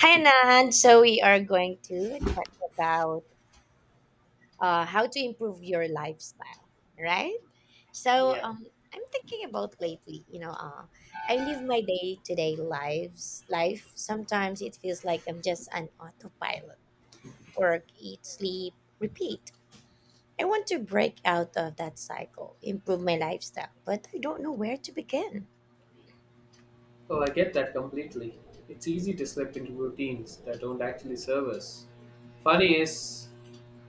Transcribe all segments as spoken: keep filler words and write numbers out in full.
Hi, Anand. So we are going to talk about uh, how to improve your lifestyle, right? So Yeah. um, I'm thinking about lately. You know, uh, I live my day-to-day lives life. Sometimes it feels like I'm just an autopilot: work, eat, sleep, repeat. I want to break out of that cycle, improve my lifestyle, but I don't know where to begin. Oh, I get that completely. It's easy to slip into routines that don't actually serve us. Funny is,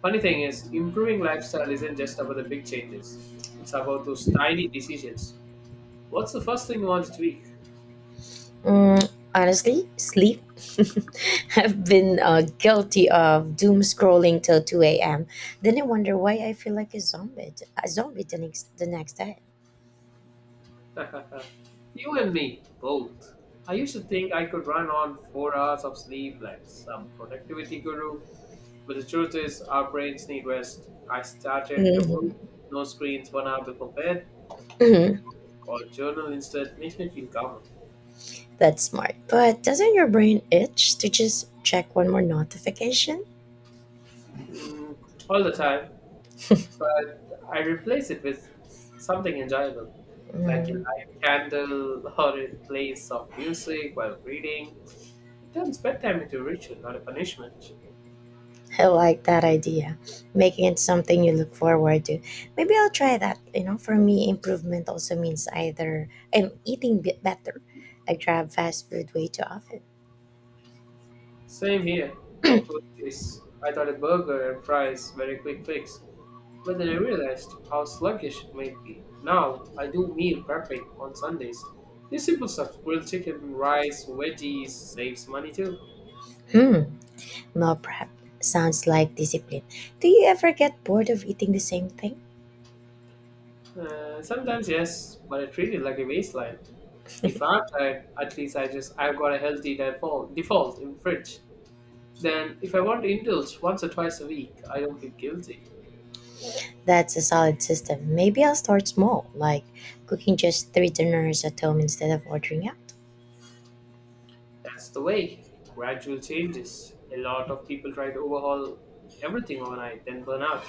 funny thing is, improving lifestyle isn't just about the big changes. It's about those tiny decisions. What's the first thing you want to tweak? Mm, honestly, sleep. I've been uh, guilty of doom scrolling till two a m. Then I wonder why I feel like a zombie, a zombie the next, the next day. you and me, both. I used to think I could run on four hours of sleep like some productivity guru, but the truth is, our brains need rest. I started a room, Hmm. no screens, one hour before bed, read a Hmm. book or journal instead makes me feel calmer. That's smart. But doesn't your brain itch to just check one more notification? mm, all the time, but I replace it with something enjoyable, like a Mm, light candle or a play soft music while reading. It turns bedtime into a ritual, not a punishment. I like that idea. Making it something you look forward to. Maybe I'll try that. You know, for me, improvement also means either I'm eating bit better, I grab fast food way too often. Same here. Food is, I thought a burger and fries were a quick fix, but then I realized how sluggish it might be. Now I do meal prepping on Sundays. The simple stuff, grilled chicken, rice, veggies, saves money too. Hmm. Meal prep sounds like discipline. Do you ever get bored of eating the same thing? Uh, sometimes yes, but I treat it like a waistline. If I'm tired, at least I just I've got a healthy default default in fridge. Then if I want to indulge once or twice a week, I don't feel guilty. That's a solid system. Maybe I'll start small, like cooking just three dinners at home instead of ordering out. That's the way. Gradual changes. A lot of people try to overhaul everything overnight, then burn out.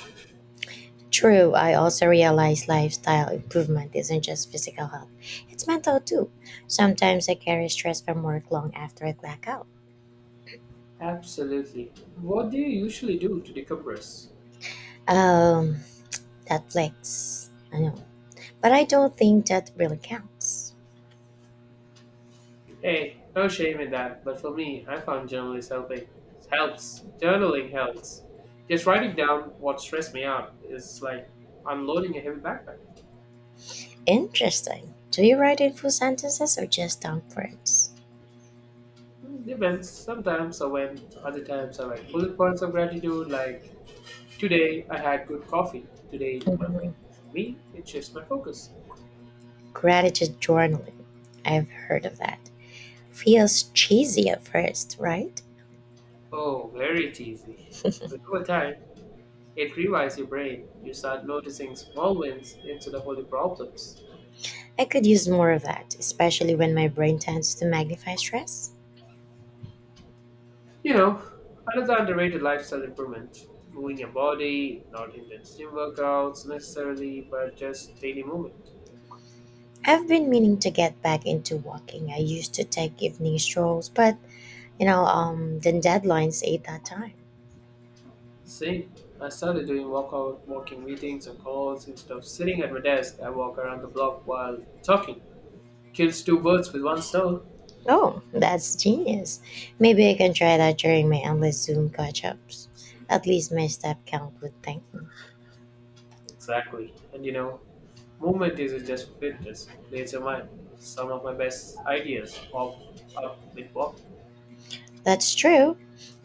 True, I also realize lifestyle improvement isn't just physical health, it's mental too. Sometimes I carry stress from work long after I black out. Absolutely. What do you usually do to decompress? Um, Netflix, I know. But I don't think that really counts. Hey, no shame in that. But for me, I found journaling helping. Helps. Journaling helps. Just writing down what stressed me out is like unloading a heavy backpack. Interesting. Do you write in full sentences or just dumb words? Mm, depends. Sometimes I went. Other times I went. Bullet points of gratitude. Like today, I had good coffee. Today, my friend texted me. It shifts my focus. Gratitude journaling. I've heard of that. Feels cheesy at first, right? Oh, very cheesy. But over time, it rewires your brain. You start noticing small wins instead of only problems. I could use more of that, especially when my brain tends to magnify stress. You know, another underrated lifestyle improvement moving your body, not intense gym workouts necessarily, but just daily movement. I've been meaning to get back into walking. I used to take evening strolls, but you know, um, then deadlines ate that time. Same. I started doing walkout, walking meetings and calls instead of sitting at my desk. I walk around the block while talking. Kills two birds with one stone. Oh, that's genius. Maybe I can try that during my endless Zoom catch ups. At least my step count would thank me. Exactly. And you know, movement isn't just fitness. Clears your mind. Some of my best ideas pop up with walk. That's true.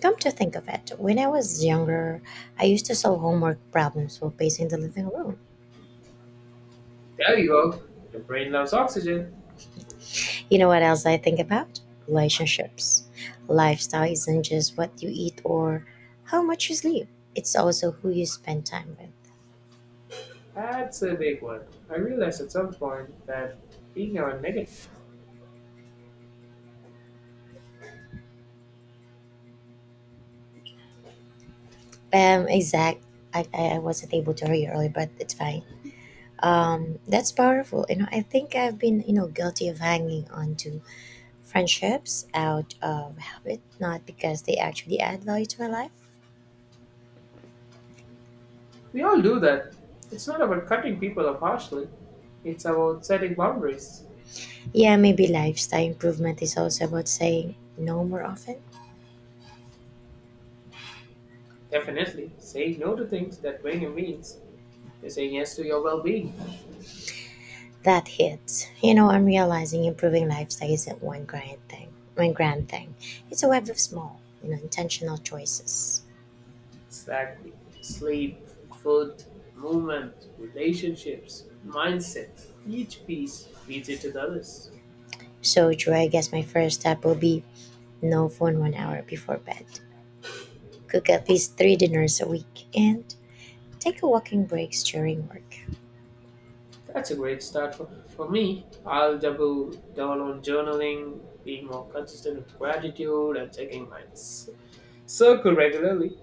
Come to think of it, when I was younger, I used to solve homework problems while pacing the living room. There you go. Your brain loves oxygen. You know what else I think about? Relationships. Lifestyle isn't just what you eat or how much you sleep, it's also who you spend time with. That's a big one. I realized at some point that being our negative, Um, exact. I, I I wasn't able to hear you earlier, but it's fine. Um, that's powerful. You know, I think I've been, you know, guilty of hanging on to friendships out of habit, not because they actually add value to my life. we all do that. It's not about cutting people off harshly, it's about setting boundaries. Yeah, maybe lifestyle improvement is also about saying no more often. Definitely, saying no to things that bring you means is saying yes to your well being. That hits. You know, I'm realizing improving lifestyle isn't one grand thing. One grand thing. It's a web of small, you know, intentional choices. Exactly. Sleep, food, movement, relationships, mindset. Each piece feeds into the others. So, Drew, I guess my first step will be no phone one hour before bed. Cook at least three dinners a week and take a walking breaks during work. That's a great start for, for me. I'll double down on journaling, being more consistent with gratitude, and checking my c- circle regularly.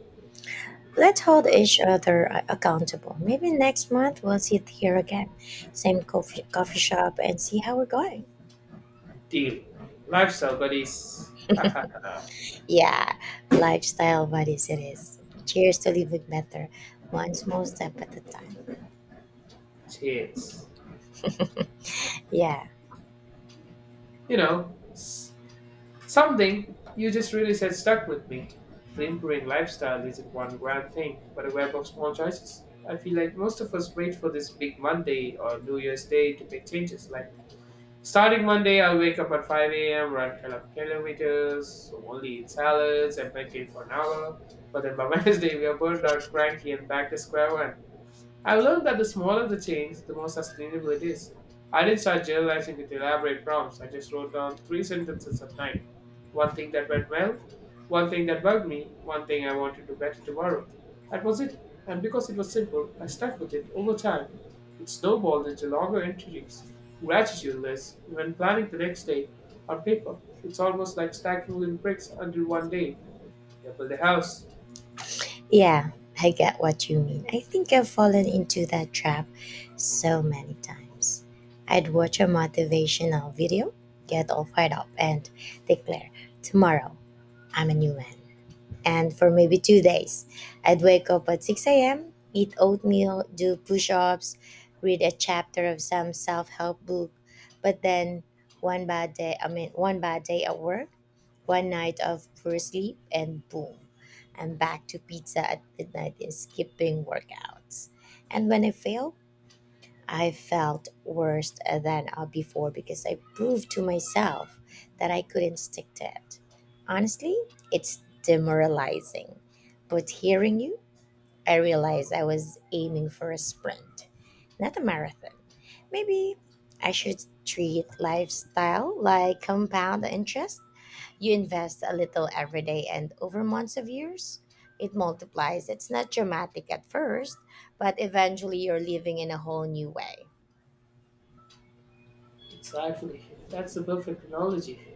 Let's hold each other a- accountable. Maybe next month we'll sit here again, same coffee, coffee shop, and see how we're going. Deal. Lifestyle buddies. Yeah, lifestyle buddies it is. Cheers to living better, one small step at a time. Cheers. Yeah, You know, s- something you just really said stuck with me. The improving lifestyle isn't one grand thing, but a web of small choices. I feel like most of us wait for this big Monday or New Year's Day to make changes like starting Monday, I'll wake up at five a m, run twelve kilometers, so only eat salads and meditate for an hour. But then by Wednesday, we are burned out, cranky, and back to square one. I've learned that the smaller the change, the more sustainable it is. I didn't start journalizing with elaborate prompts. I just wrote down three sentences at night. One thing that went well, one thing that bugged me, one thing I want to do better tomorrow. That was it. And because it was simple, I stuck with it over time. It snowballed into longer entries, gratitude lists, even planning the next day on paper. It's almost like stacking little bricks until one day you build a house. yeah, I get what you mean. I think I've fallen into that trap so many times. I'd watch a motivational video, get all fired up, and declare, tomorrow, I'm a new man. And for maybe two days. I'd wake up at six a m, eat oatmeal, do push ups, read a chapter of some self help book, but then one bad day, I mean, one bad day at work, one night of poor sleep, and boom, I'm back to pizza at midnight and skipping workouts. And when I fail, I felt worse than uh, before because I proved to myself that I couldn't stick to it. Honestly, it's demoralizing. But hearing you, I realized I was aiming for a sprint, not a marathon. Maybe I should treat lifestyle like compound interest. You invest a little every day, and over months of years, it multiplies. It's not dramatic at first, but eventually you're living in a whole new way. Exactly. That's the perfect analogy.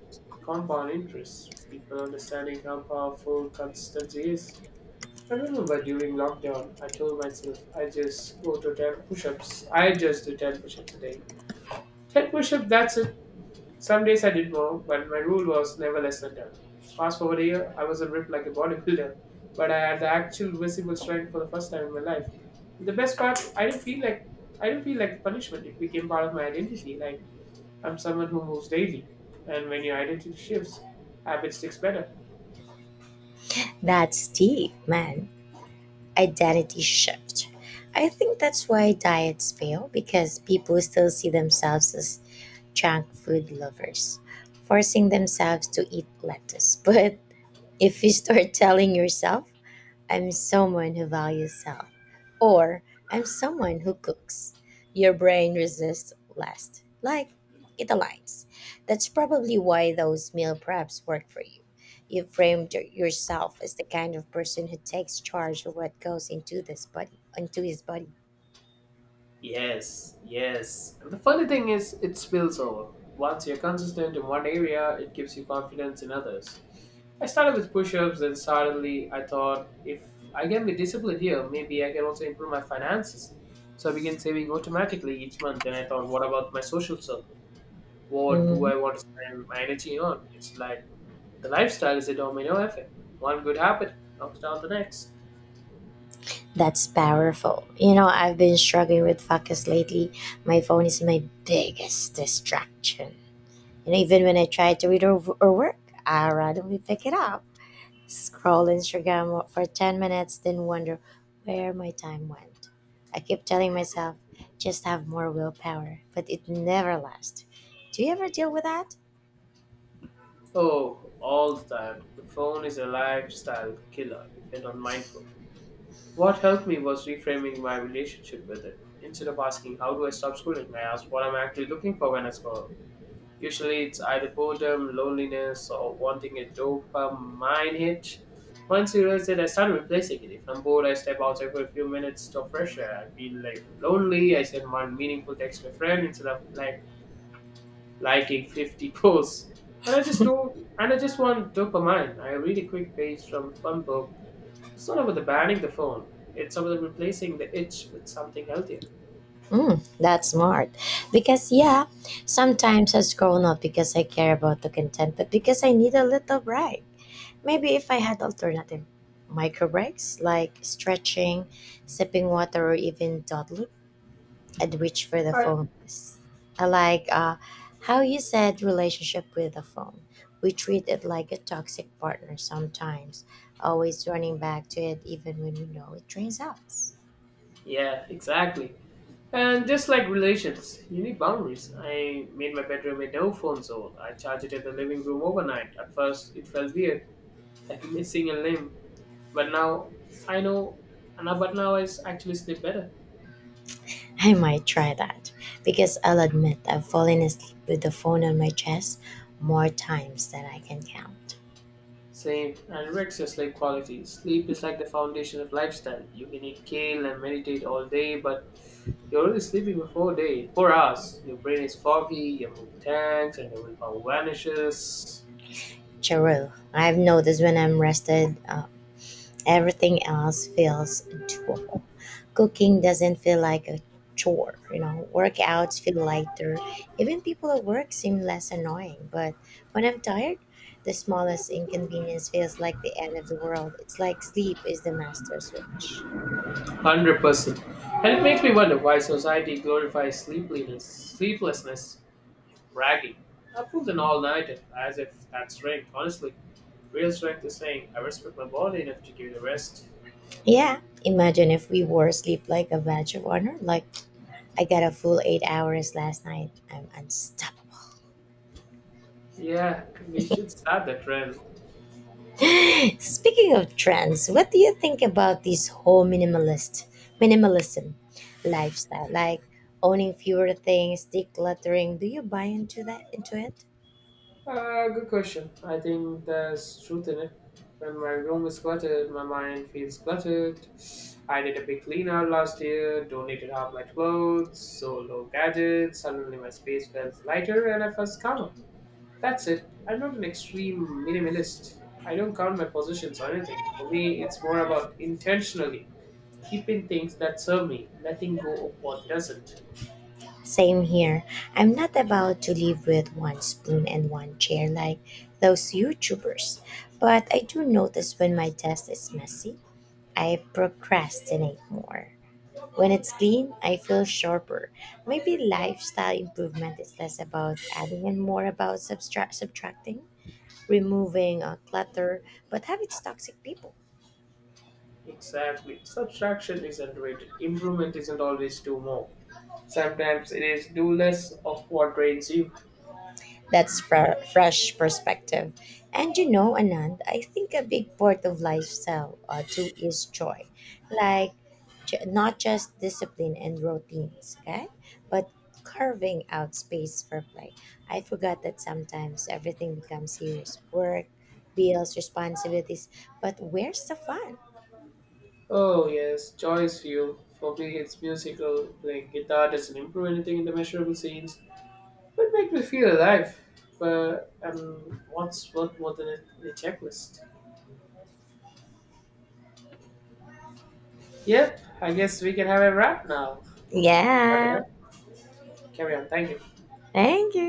Compound interest. People understanding how powerful consistency is. I remember during lockdown, I told myself I just go to ten push ups. I just do ten push ups a day. ten push ups, that's it. Some days I did more, but my rule was never less than ten. Fast forward a year, I was a ripped like a bodybuilder, but I had the actual visible strength for the first time in my life. And the best part, I didn't feel like I didn't feel like punishment. It became part of my identity. Like I'm someone who moves daily, and when your identity shifts, habit sticks better. That's deep, man. Identity shift. I think that's why diets fail because people still see themselves as junk food lovers, forcing themselves to eat lettuce. But if you start telling yourself I'm someone who values self, or I'm someone who cooks. Your brain resists less. Like, it aligns. That's probably why those meal preps work for you. You framed your- yourself as the kind of person who takes charge of what goes into this body, into his body. Yes, yes. And the funny thing is, it spills over. Once you're consistent in one area, it gives you confidence in others. I started with push ups, then suddenly I thought if I can be disciplined here, maybe I can also improve my finances. So I began saving automatically each month. Then I thought, what about my social circle? What do Mhm. I want to spend my energy on? It's like the lifestyle is a domino effect. One good habit knocks down the next. That's powerful. You know, I've been struggling with focus lately. My phone is my biggest distraction. And even when I try to read or, or work, I randomly pick it up. Scroll Instagram for ten minutes, then wonder where my time went. I keep telling myself, just have more willpower, but it never lasts. Do you ever deal with that? Oh, all the time. The phone is a lifestyle killer if you're not mindful. What helped me was reframing my relationship with it. Instead of asking, how do I stop scrolling? I asked what I'm actually looking for when I scroll. Usually it's either boredom, loneliness, or wanting a dopamine hit. Once you realize it, I started replacing it. If I'm bored, I step outside for a few minutes to fresh air. I feel like lonely. I send one meaningful text to a friend instead of like liking fifty posts. And I just do, and I just want dopamine. I read a quick page from a fun book. It's not about the banning the phone. It's about replacing the itch with something healthier. Mm, that's smart. Because, yeah, sometimes I scroll not because I care about the content, but because I need a little break. Maybe if I had alternative micro breaks like stretching, sipping water, or even dawdling, and reach for the Right. fullness. I like uh, how you said relationship with the phone. We treat it like a toxic partner sometimes, always running back to it even when we know it drains us. Yeah, exactly. And just like relations, you need boundaries. I made my bedroom a no phone zone. I charge it in the living room overnight. At first, it felt weird, like missing a limb. But now, I know, and now, but now I s- actually sleep better. I might try that because I'll admit I've fallen asleep with the phone on my chest more times than I can count. Same. Anorexia is like quality. Sleep is like the foundation of lifestyle. You can eat kale and meditate all day, but you're only sleeping for four day four hours. Your brain is foggy, your mood tanks, and your willpower vanishes. Cheryl, I've noticed when I'm rested, uh, everything else feels doable. Cooking doesn't feel like a chore, you know. Workouts feel lighter. Even people at work seem less annoying. But when I'm tired, the smallest inconvenience feels like the end of the world. It's like sleep is the master switch. Hundred percent. And it makes me wonder why society glorifies sleepiness, sleeplessness, bragging. I pulled an all-nighter as if that's strength. Honestly, real strength is saying I respect my body enough to give it a rest. Yeah, imagine if we wore sleep like a badge of honor. Like, I got a full eight hours last night. I'm unstoppable. Yeah, we should start that trend. Speaking of trends, what do you think about this whole minimalist minimalism lifestyle? Like owning fewer things, decluttering. Do you buy into that into it? Uh, good question. I think there's truth in it. When my room is cluttered, my mind feels cluttered. I did a big clean out last year, donated half my clothes, so low gadgets. Suddenly, my space felt lighter and I felt calmer. That's it. I'm not an extreme minimalist. I don't count my possessions or anything. For me, it's more about intentionally keeping things that serve me, letting go of what doesn't. Same here. I'm not about to live with one spoon and one chair like those YouTubers. But I do notice when my desk is messy, I procrastinate more. When it's clean, I feel sharper. Maybe lifestyle improvement is less about adding and more about subtract, subtracting, removing uh, clutter, but habits toxic people. Exactly. Subtraction is underrated. Improvement isn't always do more. Sometimes it is do less of what drains you. That's fre- fresh perspective. And you know, Anand, I think a big part of lifestyle uh, too is joy. Like, j- not just discipline and routines, okay? But carving out space for play. I forgot that sometimes everything becomes serious work, bills, responsibilities. But where's the fun? Oh yes, Joy's view. For me, it's musical. Playing guitar doesn't improve anything in the measurable scenes, but make me feel alive. But um, what's worth more than a, a checklist? Yep, I guess we can have a wrap now. Wrap it Yeah, up. Carry on. Thank you. thank you.